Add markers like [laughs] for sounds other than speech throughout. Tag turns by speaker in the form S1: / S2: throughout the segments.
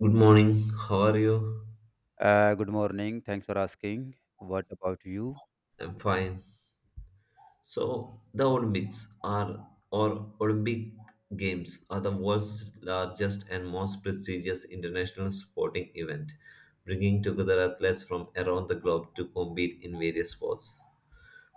S1: Good morning. How are you?
S2: Good morning. Thanks for asking. What about you?
S1: I'm fine. So the Olympics are or Olympic Games are the world's largest and most prestigious international sporting event, bringing together athletes from around the globe to compete in various sports.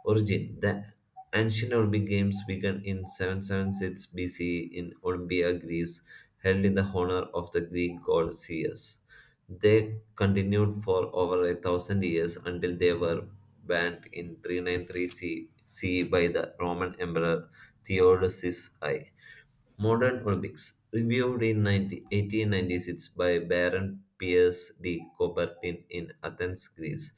S1: Origin. The ancient Olympic Games began in 776 BC in Olympia, Greece, held in the honor of the Greek god Zeus. They continued for over a thousand years until they were banned in 393 CE by the Roman Emperor Theodosius I. Modern Olympics, reviewed in 90, 1896 by Baron Pierce de Coubertin in Athens, Greece.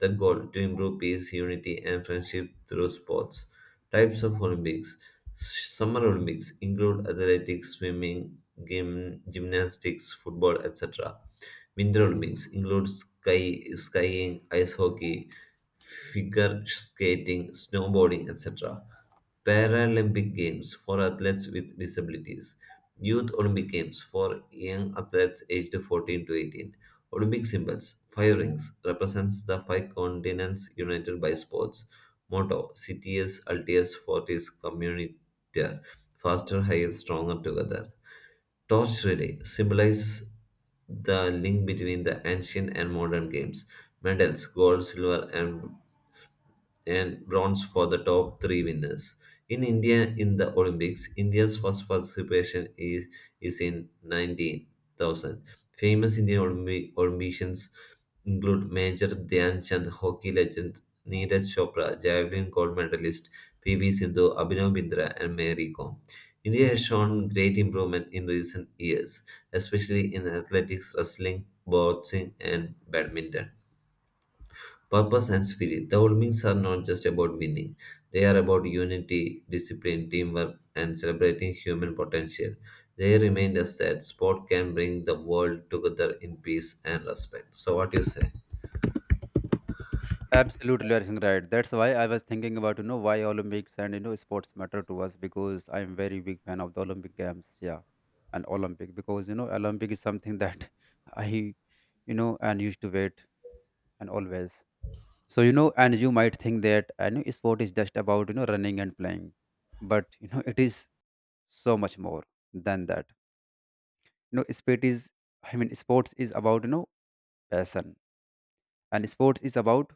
S1: The goal to improve peace, unity, and friendship through sports. Types of Olympics. Summer Olympics include athletics, swimming, gymnastics, football, etc. Winter Olympics include skiing, ice hockey, figure skating, snowboarding, etc. Paralympic Games for athletes with disabilities, Youth Olympic Games for young athletes aged 14 to 18. Olympic symbols: five rings represents the five continents united by sports. Motto: Cities, Altius, Fortis, Communitaire. Faster, higher, stronger together. Torch relay symbolizes the link between the ancient and modern games. Medals: gold, silver, and bronze for the top three winners. In India, in the Olympics, India's first participation is in 19,000. Famous Indian Olympians include Major Dhyan Chand, hockey legend Neeraj Chopra, javelin gold medalist PV Sindhu, Abhinav Bindra, and Mary Kom. India has shown great improvement in recent years, especially in athletics, wrestling, boxing, and badminton. Purpose and spirit. The Olympics are not just about winning, they are about unity, discipline, teamwork, and celebrating human potential. They remind us that sport can bring the world together in peace and respect. So, what do you say?
S2: Absolutely, you're right. That's why I was thinking about why Olympics and sports matter to us, because I'm very big fan of the Olympic Games. Yeah, and Olympic, because Olympic is something that [laughs] I and used to wait and always. So and you might think that I know sport is just about running and playing, but it is so much more than that. You know, sport is sports is about passion, and sports is about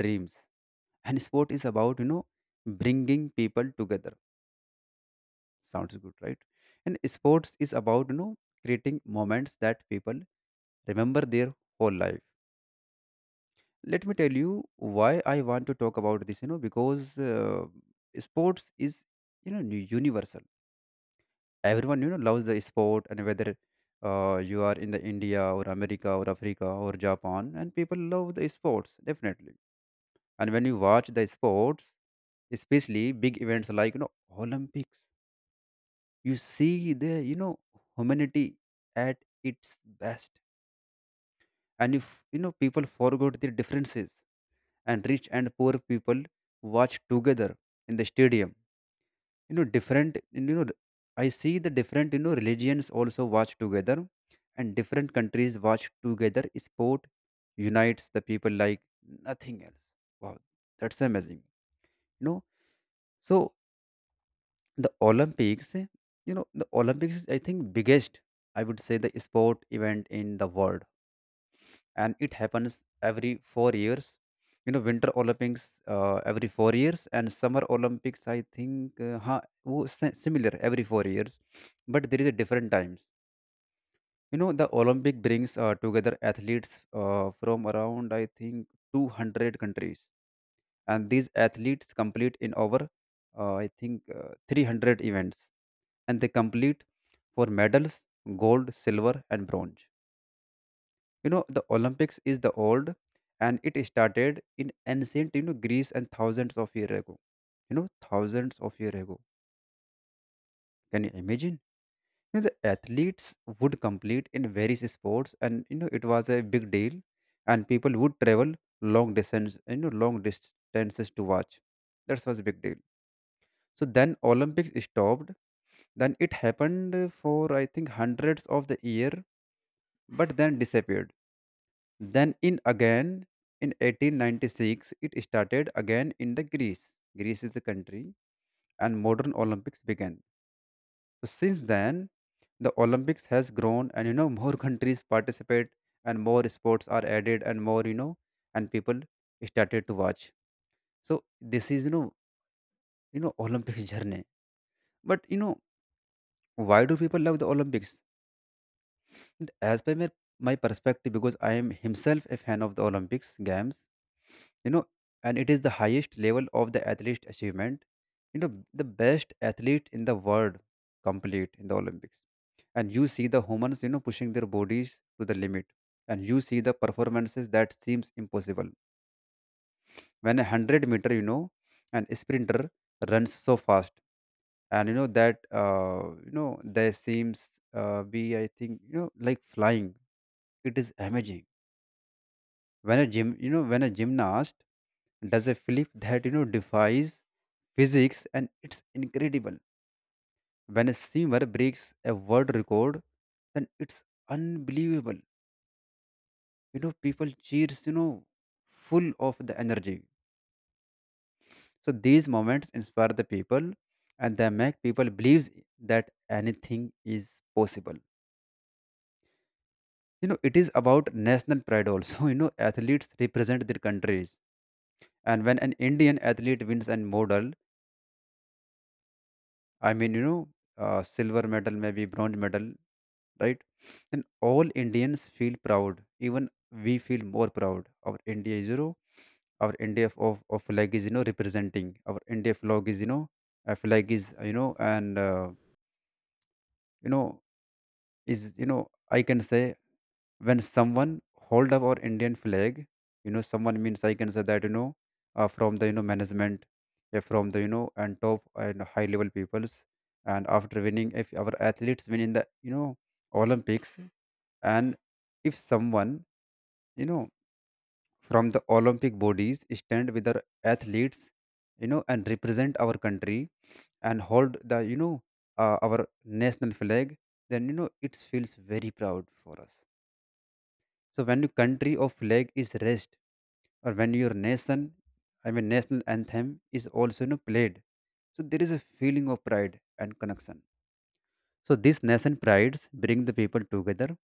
S2: dreams, and sport is about bringing people together. Sounds good, right? And sports is about creating moments that people remember their whole life. Let me tell you why I want to talk about this, because sports is universal. Everyone loves the sport. And whether you are in the India or America or Africa or Japan, and people love the sports, definitely. And when you watch the sports, especially big events like Olympics, you see the humanity at its best. And if people forgot their differences, and rich and poor people watch together in the stadium. You know, different, I see the different religions also watch together, and different countries watch together. Sport unites the people like nothing else. Wow, that's amazing, you know. So the Olympics, the Olympics is, I think, biggest, I would say, the sport event in the world. And it happens every 4 years. You know, winter Olympics, every 4 years, and summer Olympics, I think, similar, every 4 years, but there is a different times. You know, the Olympic brings together athletes from around, I think, 200 countries. And these athletes complete in over, I think, 300 events. And they complete for medals, gold, silver, and bronze. You know, the Olympics is the old, and it started in ancient, Greece, and thousands of years ago. You know, thousands of years ago, can you imagine? You know, the athletes would complete in various sports, and it was a big deal. And people would travel long distance, long distances to watch. That was a big deal. So then Olympics stopped. Then it happened for, I think, hundreds of the year, but then disappeared. Then in again, in 1896 it started again in the Greece. Greece is the country, and modern Olympics began. So since then, the Olympics has grown, and [laughs] more countries participate, and more sports are added, and and people started to watch. So this is Olympics [laughs] journey. But why do people love the Olympics? And as per my perspective, because I am himself a fan of the Olympics Games, you know, and it is the highest level of the athlete achievement. You know, the best athlete in the world complete in the Olympics. And you see the humans, you know, pushing their bodies to the limit. And you see the performances that seems impossible. When a hundred meter, you know, an sprinter runs so fast. And you know that there seems be, I think, like flying. It is amazing when a gymnast does a flip that defies physics, and it's incredible. When a swimmer breaks a world record, then it's unbelievable. You know, people cheers, full of the energy. So these moments inspire the people, and they make people believes that anything is possible. You know, it is about national pride also. [laughs] You know, athletes represent their countries. And when an Indian athlete wins a medal, I mean, you know, silver medal, maybe bronze medal, right? Then all Indians feel proud. Even we feel more proud. Our India is, you know, our India of, of flag is, you know, representing. Our India flag is, you know, a flag is, you know, and, you know, is, you know, I can say when someone hold up our Indian flag, you know, someone means I can say that, you know, from the, management, yeah, from the, and top and high level peoples, and after winning, if our athletes win in the, Olympics, and if someone you know from the Olympic bodies stand with our athletes, you know, and represent our country, and hold the, our national flag, then it feels very proud for us. So when your country or flag is raised, or when your national anthem is also, you know, played, so there is a feeling of pride and connection. So these nation prides bring the people together,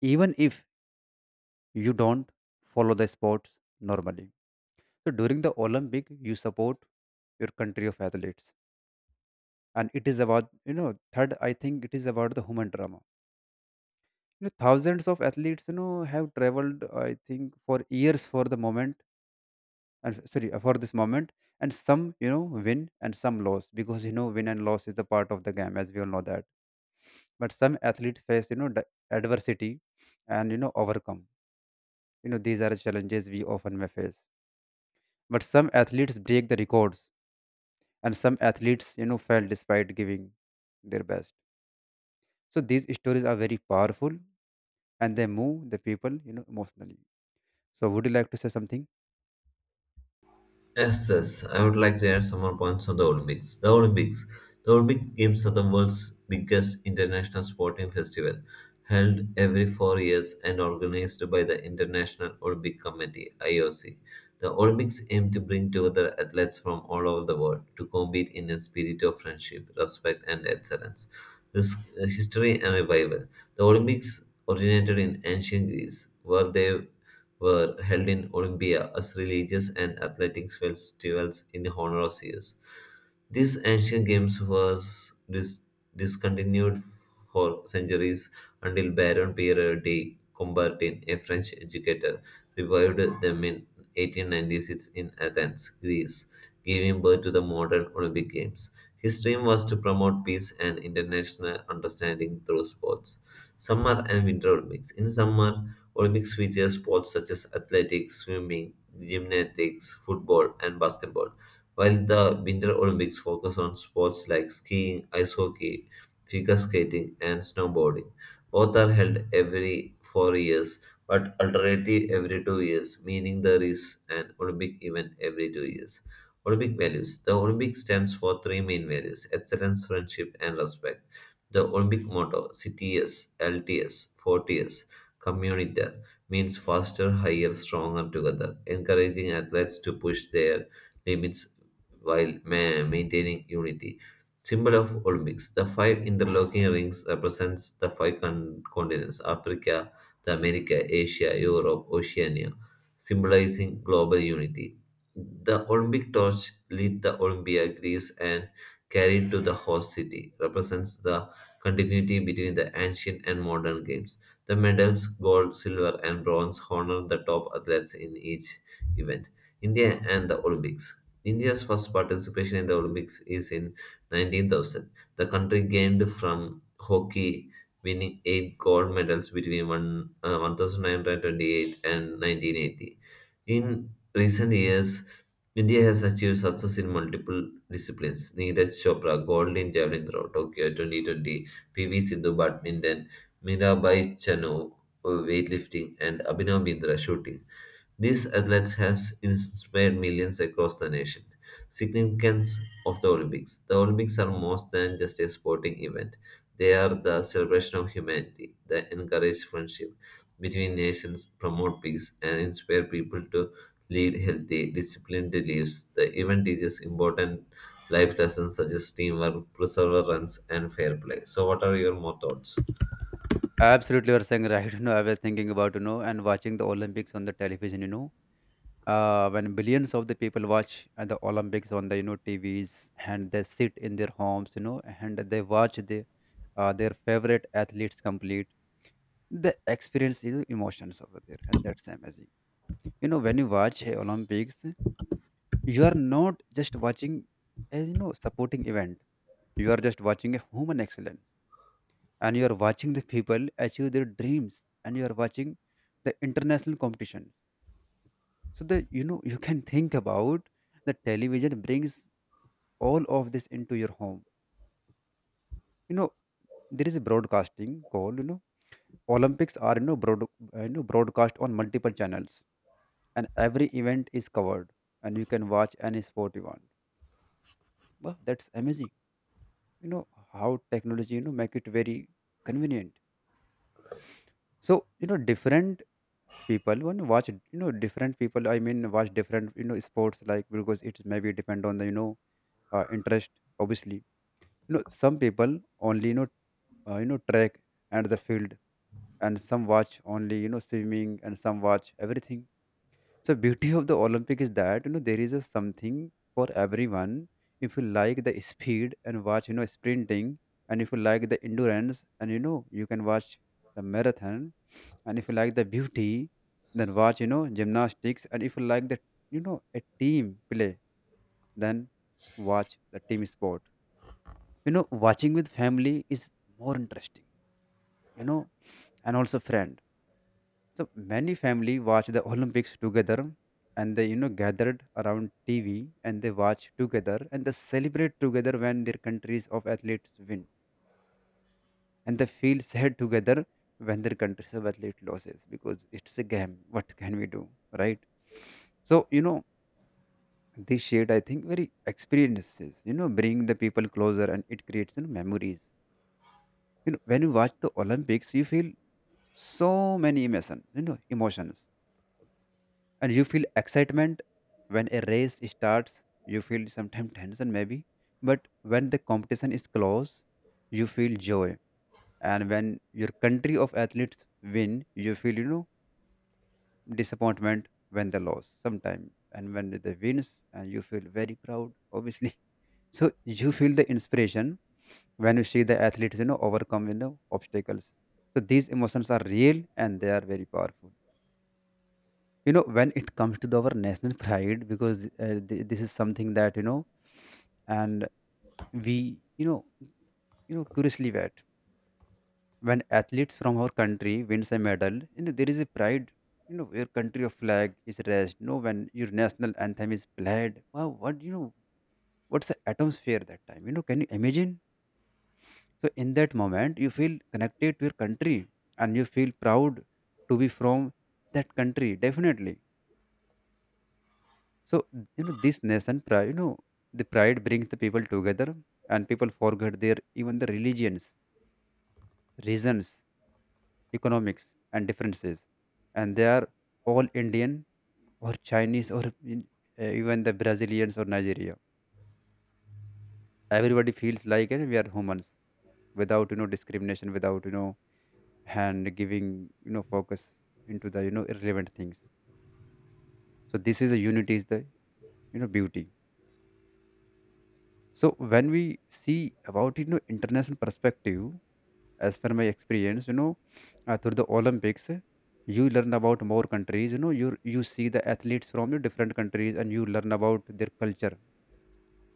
S2: even if you don't follow the sports normally. So during the Olympic, you support your country of athletes. And it is about, third, I think it is about the human drama. You know, thousands of athletes, have traveled, I think, for years for the moment and f- sorry for this moment. And some, win, and some loss, because win and loss is the part of the game, as we all know that. But some athletes face, adversity, and overcome. You know, these are challenges we often may face. But some athletes break the records, and some athletes fail despite giving their best. So these stories are very powerful, and they move the people, emotionally. So would you like to say something?
S1: Yes, yes, I would like to add some more points on the Olympics. The Olympics. The Olympic Games are the world's biggest international sporting festival, held every 4 years and organized by the International Olympic Committee (IOC). The Olympics aim to bring together athletes from all over the world to compete in a spirit of friendship, respect, and excellence. This history and revival. The Olympics originated in ancient Greece, where they were held in Olympia as religious and athletic festivals in honor of Zeus. These ancient games was discontinued for centuries until Baron Pierre de Coubertin, a French educator, revived them in 1896 in Athens, Greece, giving birth to the modern Olympic Games. His dream was to promote peace and international understanding through sports. Summer and Winter Olympics. In summer, Olympics feature sports such as athletics, swimming, gymnastics, football, and basketball, while the Winter Olympics focus on sports like skiing, ice hockey, figure skating, and snowboarding. Both are held every 4 years, but alternatively every 2 years, meaning there is an Olympic event every 2 years. Olympic values. The Olympic stands for three main values excellence, friendship, and respect. The Olympic motto CTS, LTS, 40s Comunitar means faster, higher, stronger together, encouraging athletes to push their limits while maintaining unity. Symbol of Olympics. The five interlocking rings represents the five continents: Africa, the America, Asia, Europe, Oceania, symbolizing global unity. The Olympic torch lit the Olympia Greece and carried to the host city represents the continuity between the ancient and modern games. The medals gold, silver, and bronze honor the top athletes in each event. India and the Olympics. India's first participation in the Olympics is in 19,000. The country gained from hockey, winning eight gold medals between 1928 and 1980. In recent years, India has achieved success in multiple disciplines. Neeraj Chopra, gold in javelin throw, Tokyo 2020, PV Sindhu, badminton, Mirabai Chanu, weightlifting, and Abhinav Bindra, shooting. These athletes has inspired millions across the nation. Significance of the Olympics. The Olympics are more than just a sporting event. They are the celebration of humanity that encourage friendship between nations, promote peace, and inspire people to lead healthy, disciplined lives. The event teaches important life lessons such as teamwork, perseverance, and fair play. So, what are your more thoughts?
S2: Absolutely, you are saying right. [laughs] You know, I was thinking about, and watching the Olympics on the television. You know, when billions of the people watch the Olympics on the, TVs, and they sit in their homes, you know, and they watch the, their favorite athletes complete. They experience, you know, emotions over there, and that's amazing. You know, when you watch a Olympics, you are not just watching a, supporting event. You are just watching a human excellence, and you are watching the people achieve their dreams, and you are watching the international competition. So that, you can think about the television brings all of this into your home. You know, there is a broadcasting called, Olympics are, broadcast on multiple channels, and every event is covered, and you can watch any sport you want. Wow, that's amazing, you know, how technology, make it very convenient. So different people, when you watch, different people, watch different, sports, like, because it maybe depend on the, interest, obviously. You know, some people only, track and the field, and some watch only, swimming, and some watch everything. So beauty of the Olympic is that, there is a something for everyone. If you like the speed, and watch, sprinting. And if you like the endurance, and you can watch the marathon. And if you like the beauty, then watch, gymnastics. And if you like the, a team play, then watch the team sport. You know, watching with family is more interesting, you know, and also friends. So many family watch the Olympics together, and they, gathered around TV, and they watch together, and they celebrate together when their countries of athletes win. And they feel sad together when their countries of athlete loses, because it's a game, what can we do, right? So this shared, I think, very experiences, bring the people closer, and it creates, you know, memories. You know, when you watch the Olympics, you feel so many emotions, emotions. And you feel excitement when a race starts. You feel sometimes tension, maybe, but when the competition is close, you feel joy. And when your country of athletes win, you feel, disappointment when they lose sometime, and when they wins, and you feel very proud, obviously. [laughs] So you feel the inspiration when you see the athletes, overcome, obstacles. So these emotions are real, and they are very powerful. You know, when it comes to the, our national [laughs] pride, because this is something that, you know and we, you know, curiously, that when athletes from our country wins a medal, there is a pride. You know, your country of flag is raised, you know, when your national anthem is played. Wow, what, you know, what's the atmosphere that time, you know Can you imagine? So in that moment, you feel connected to your country, and you feel proud to be from that country, definitely. So, this nation pride. The pride brings the people together, and people forget their, even the religions, reasons, economics, and differences, and they are all Indian or Chinese or in- even the Brazilians or Nigeria. Everybody feels like we are humans without discrimination, without hand giving focus into the irrelevant things. So this is a unity is the beauty. So when we see about international perspective, as per my experience, through the Olympics, you learn about more countries. You see the athletes from your different countries, and you learn about their culture.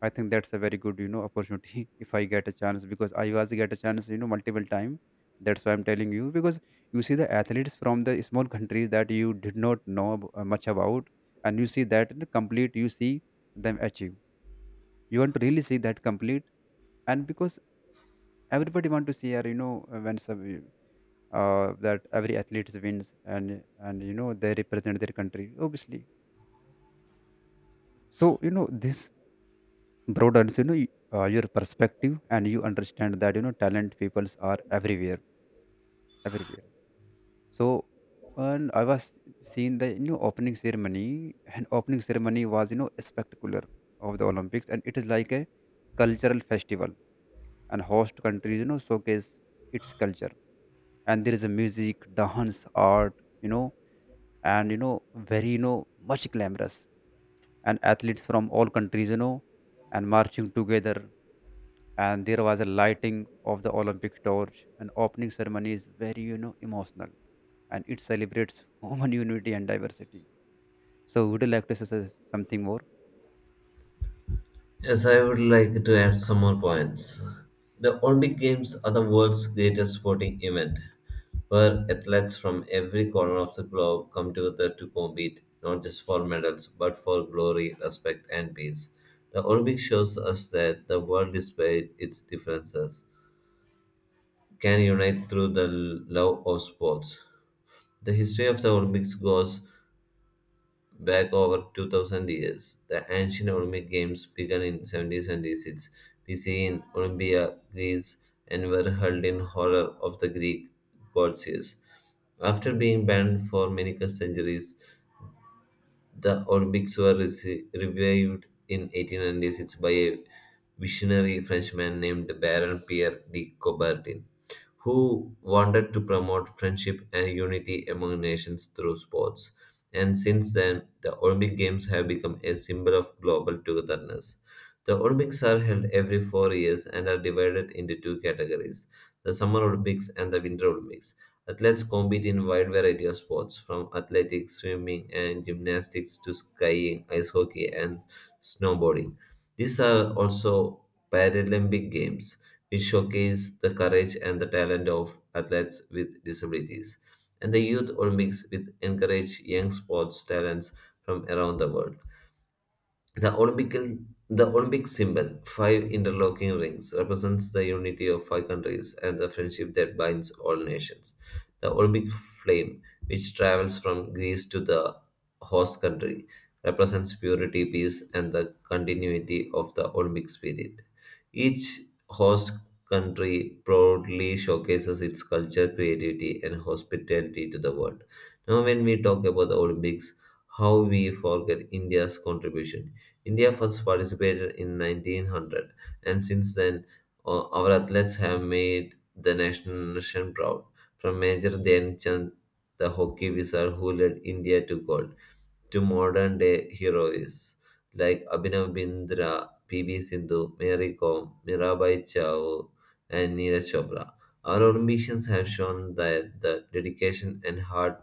S2: I think that's a very good opportunity [laughs] if I get a chance, because I was get a chance multiple time. That's why I'm telling you, because you see the athletes from the small countries that you did not know much about, and you see that complete. You see them achieve. You want to really see that complete, and because everybody want to see her, when some that every athlete wins, and they represent their country, obviously. So this broadens your perspective, and you understand that talent peoples are everywhere, everywhere, so and I was seeing the opening ceremony, and opening ceremony was spectacular, of the Olympics, and it is like a cultural festival, and host countries showcase its culture, and there is a music, dance, art, you know and you know very you know much glamorous, and athletes from all countries, and marching together, and there was a lighting of the Olympic torch, and opening ceremony is very emotional, and it celebrates [laughs] human unity and diversity. So would you like to say something more?
S1: Yes, I would like to add some more points. The Olympic Games are the world's greatest sporting event, where athletes from every corner of the globe come together to compete, not just for medals, but for glory, respect, and peace. The Olympics shows us that the world, despite its differences, can unite through the love of sports. The history of the Olympics goes back over 2000 years. The ancient Olympic Games began in 776 BC in Olympia, Greece, and were held in honor of the Greek god Zeus. After being banned for many centuries, the Olympics were revived in 1896 by a visionary Frenchman named Baron Pierre de Coubertin who wanted to promote friendship and unity among nations through sports. And since then, the Olympic Games have become a symbol of global togetherness. The Olympics are held every 4 years and are divided into two categories the Summer Olympics and the Winter Olympics. Athletes compete in wide variety of sports, from athletics, swimming, and gymnastics to skiing, ice hockey, and snowboarding. These are also Paralympic Games which showcase the courage and the talent of athletes with disabilities. And the Youth Olympics, which encourage young sports talents from around the world. The Olympical, the Olympic symbol, five interlocking rings, represents the unity of five countries and the friendship that binds all nations. The Olympic flame, which travels from Greece to the host country, represents purity, peace, and the continuity of the Olympic spirit. Each host country proudly showcases its culture, creativity, and hospitality to the world. Now, when we talk about the Olympics, how we forget India's contribution. India first participated in 1900, and since then, our athletes have made the national nation proud. From Major Dhyan Chand, the hockey wizard who led India to gold, to modern day heroes like Abhinav Bindra, PV Sindhu, Mary Kom, Mirabai Chao, and Neeraj Chopra. Our Olympians have shown that the dedication and hard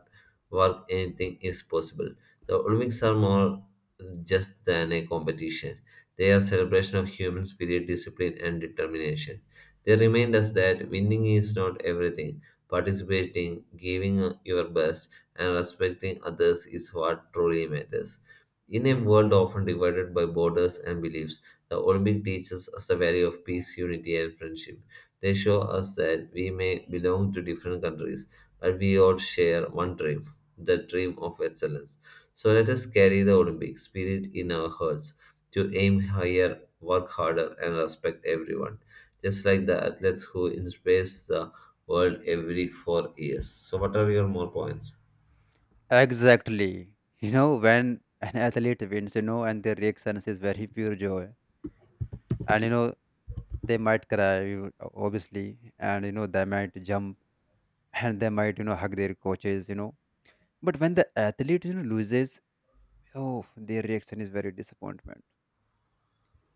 S1: work anything is possible. The Olympics are more just than a competition. They are celebration of human spirit, discipline, and determination. They remind us that winning is not everything. Participating, giving your best, and respecting others is what truly matters. In a world often divided by borders and beliefs, the Olympic teaches us the value of peace, unity, and friendship. They show us that we may belong to different countries, but we all share one dream, the dream of excellence. So let us carry the Olympic spirit in our hearts to aim higher, work harder, and respect everyone, just like the athletes who inspire the world every 4 years. So, what are your more points?
S2: Exactly. When an athlete wins, and their reaction is very pure joy, and they might cry, obviously, and they might jump, [laughs] and they might hug their coaches, but when the athlete loses, oh, their reaction is very disappointment,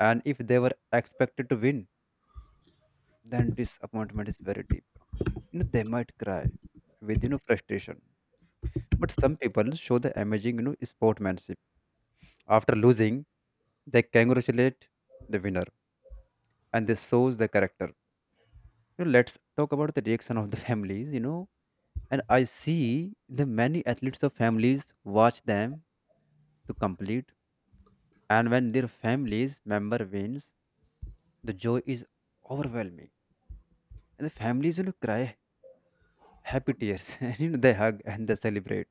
S2: and if they were expected to win, then disappointment is very deep. They might cry with frustration, but some people show the amazing sportsmanship. After losing, they congratulate the winner, and this shows the character. Let's talk about the reaction of the [laughs] families. And I see the many athletes of families watch them to complete, and when their families member wins, the joy is overwhelming, and the families cry happy tears, [laughs] and they hug and they celebrate.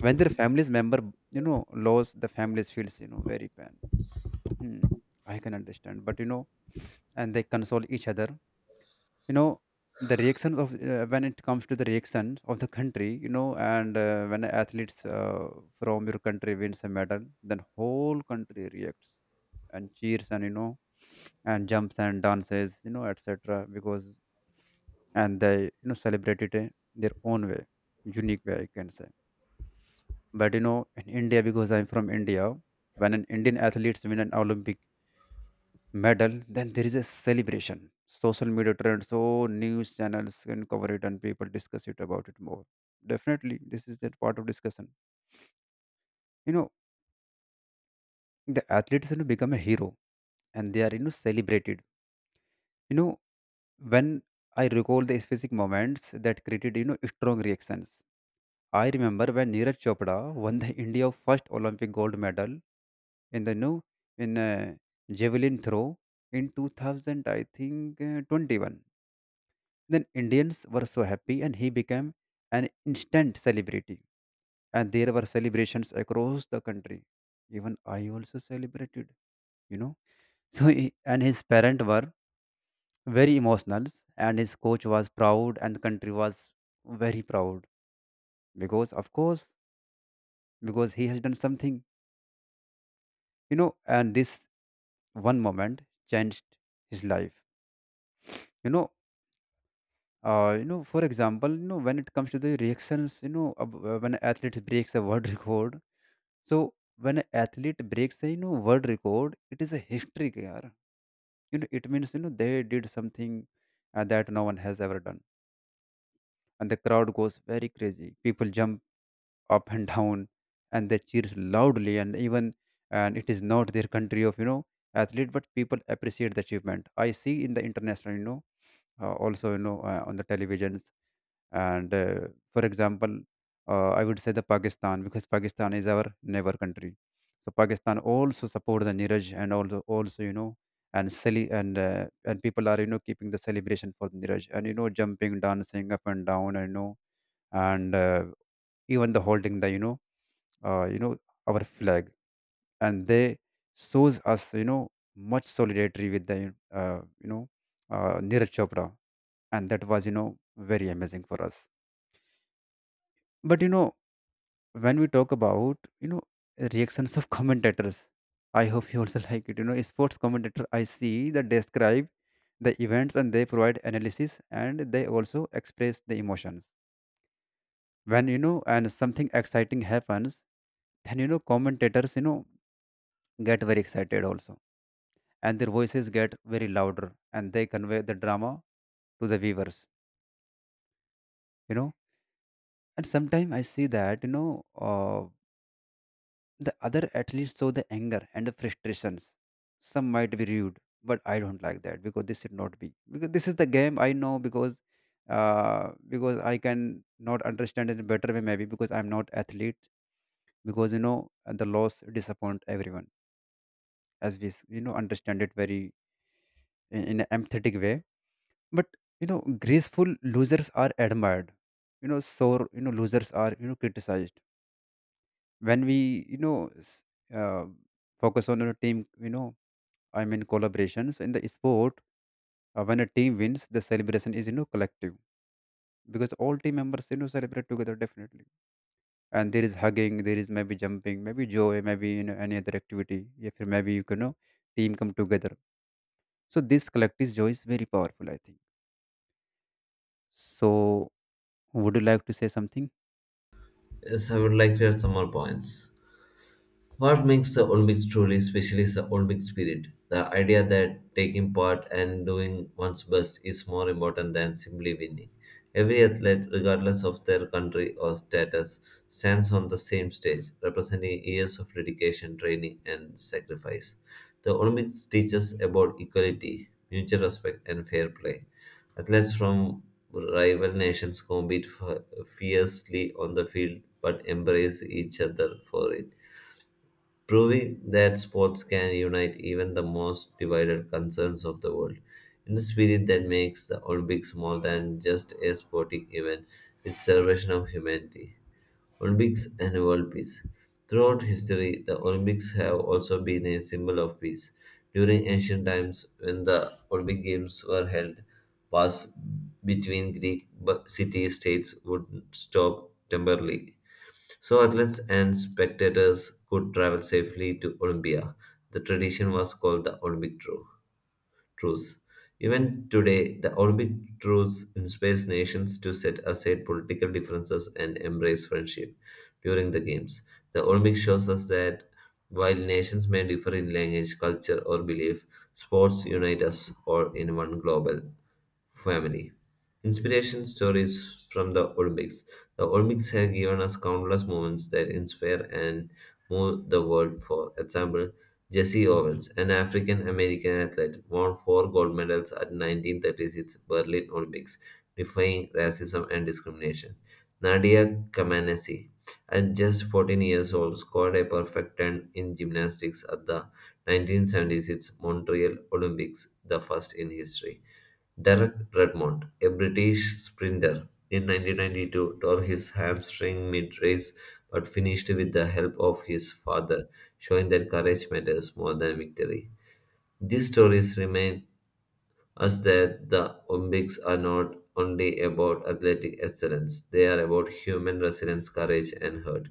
S2: When their families member lose, the families feels very pain. Hmm, I can understand, but and they console each other. you know the reactions of, when it comes to the reaction of the country, you know and when athletes, from your country wins a medal, then whole country reacts and cheers, and and jumps and dances, etc, because, and they celebrate it, their own way, unique way, I can say. But in India, because I'm from India, when an Indian athletes win an Olympic medal, then there is a celebration. Social media trends, so news channels can cover it and people discuss it about it more. Definitely, this is that part of discussion. You know, the athletes, become a hero, and they are celebrated. You know, when I recall the specific moments that created strong reactions. I remember when Neeraj Chopra won the India first Olympic gold medal, in the no in javelin throw in 2000, I think, 21. Then Indians were so happy, and he became an instant celebrity. And there were celebrations across the country. Even I also celebrated, you know. [laughs] So he, and his parents were very emotional, and his coach was proud, and the country was very proud, because of course, because he has done something, and this one moment changed his life. you know for example, when it comes to the reactions, when athlete breaks a world [laughs] record. So when an athlete breaks a world record, it is a history, year. It means they did something, that no one has ever done, and the crowd goes very crazy. People jump up and [laughs] down, and they cheers loudly, and even, and it is not their country of athlete, but people appreciate the achievement. I see in the international, also on the televisions, and for example, I would say the Pakistan, because Pakistan is our neighbor country. So Pakistan also support the Niraj, and also and and people are keeping the celebration for Niraj, and jumping, dancing up and down, and you know and even the holding the uh, you know our flag, and they shows us much solidarity with the Neeraj Chopra, and that was very amazing for us. But when we talk about reactions of [laughs] commentators, I hope you also like it, sports commentator. I see that describe the events, and they provide analysis, and they also express the emotions when, you know and something exciting happens, then commentators get very excited also, and their voices get very louder, and they convey the drama to the viewers, you know and sometimes I see that uh, the other athletes saw the anger and the frustrations. Some might be rude, but I don't like that, because this should not be. Because this is the game I know, because I can not understand in a better way, maybe because I'm not athlete, because the loss disappoint everyone, as we understand it very in an empathetic way. But graceful losers are admired. Sore losers are criticized. When we uh, focus on team, I mean collaborations in the sport. When a team wins, the celebration is collective, because all team members celebrate together, definitely. And there is hugging, there is maybe jumping, maybe joy, maybe any other activity. If you- Maybe you can know team come together. So this collective joy is very powerful, I think. So would you like to say something?
S1: Yes, I would like to add some more points. What makes the Olympics truly special is the Olympic spirit. The idea that taking part and doing one's best is more important than simply winning. Every athlete, regardless of their country or status, stands on the same stage, representing years of dedication, training, and sacrifice. The Olympics teaches about equality, mutual respect, and fair play. Athletes from rival nations compete fiercely on the field but embrace each other for it proving that sports can unite even the most divided concerns of the world. In the spirit that makes the Olympics more than just a sporting event, it's celebration of humanity. Olympics and world peace. Throughout history, the Olympics have also been a symbol of peace. During ancient times, when the Olympic Games were held, wars between Greek city states would stop temporarily. So athletes and spectators could travel safely to Olympia. The tradition was called the Olympic truce. Even today, the Olympic truce inspires nations to set aside political differences and embrace friendship during the games. The Olympics shows us that while nations may differ in language, culture, or belief, sports unite us all in one global family. Inspiration stories from the Olympics. The Olympics have given us countless moments that inspire and move the world. For example, Jesse Owens, an African American athlete, won four gold medals at 1936 Berlin Olympics, defying racism and discrimination. Nadia Comaneci, at just 14 years old, scored a perfect 10 in gymnastics at the 1976 Montreal Olympics, the first in history. Derek Redmond, a British sprinter, in 1992 tore his hamstring mid-race but finished with the help of his father, showing that courage matters more than victory. These stories remind us that the Olympics are not only about athletic excellence, they are about human resilience, courage, and heart.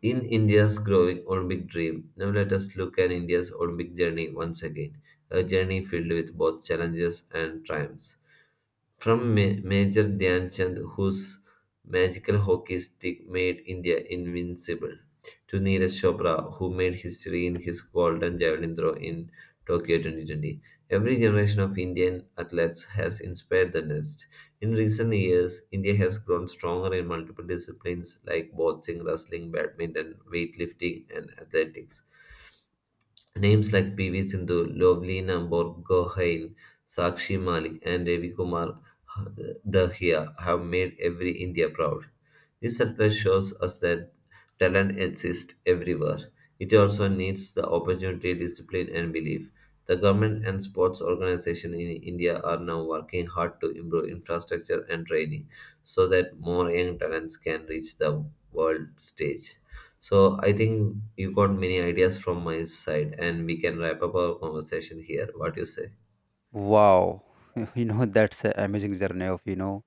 S1: In India's growing Olympic dream, now let us look at India's Olympic journey once again, a journey filled with both challenges and triumphs. From Major Dhyanchand, whose magical hockey stick made India invincible, to Neeraj Chopra, who made history in his golden javelin throw in Tokyo 2020. Every generation of Indian athletes has inspired the next. In recent years, India has grown stronger in multiple disciplines like boxing, wrestling, badminton, weightlifting, and athletics. Names like PV. Sindhu, Lovlina Borgohain, Sakshi Malik, and Ravi Kumar Dahia have made every India proud. This success shows us that talent exists everywhere. It also needs the opportunity, discipline, and belief. The government and sports organizations in India are now working hard to improve infrastructure and training so that more young talents can reach the world stage. So I think you got many ideas from my side, and we can wrap up our conversation here. What do you say?
S2: Wow, [laughs] that's an amazing journey of you know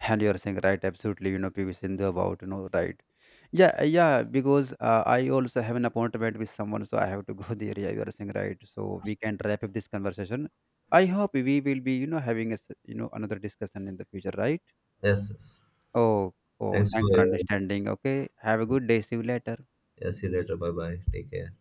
S2: and you're saying right, absolutely. PV Sindhu about right. Yeah, yeah. Because I also have an appointment with someone, so I have to go [laughs] there. Yeah, you are saying right. So we can wrap up this conversation. I hope we will be having a s- you know another discussion in the future, right?
S1: Yes. Yes.
S2: Oh, oh.
S1: Thanks for.
S2: Thanks for understanding. Okay. Have a good day. See you later.
S1: Yes. See you later. Bye bye. Take care.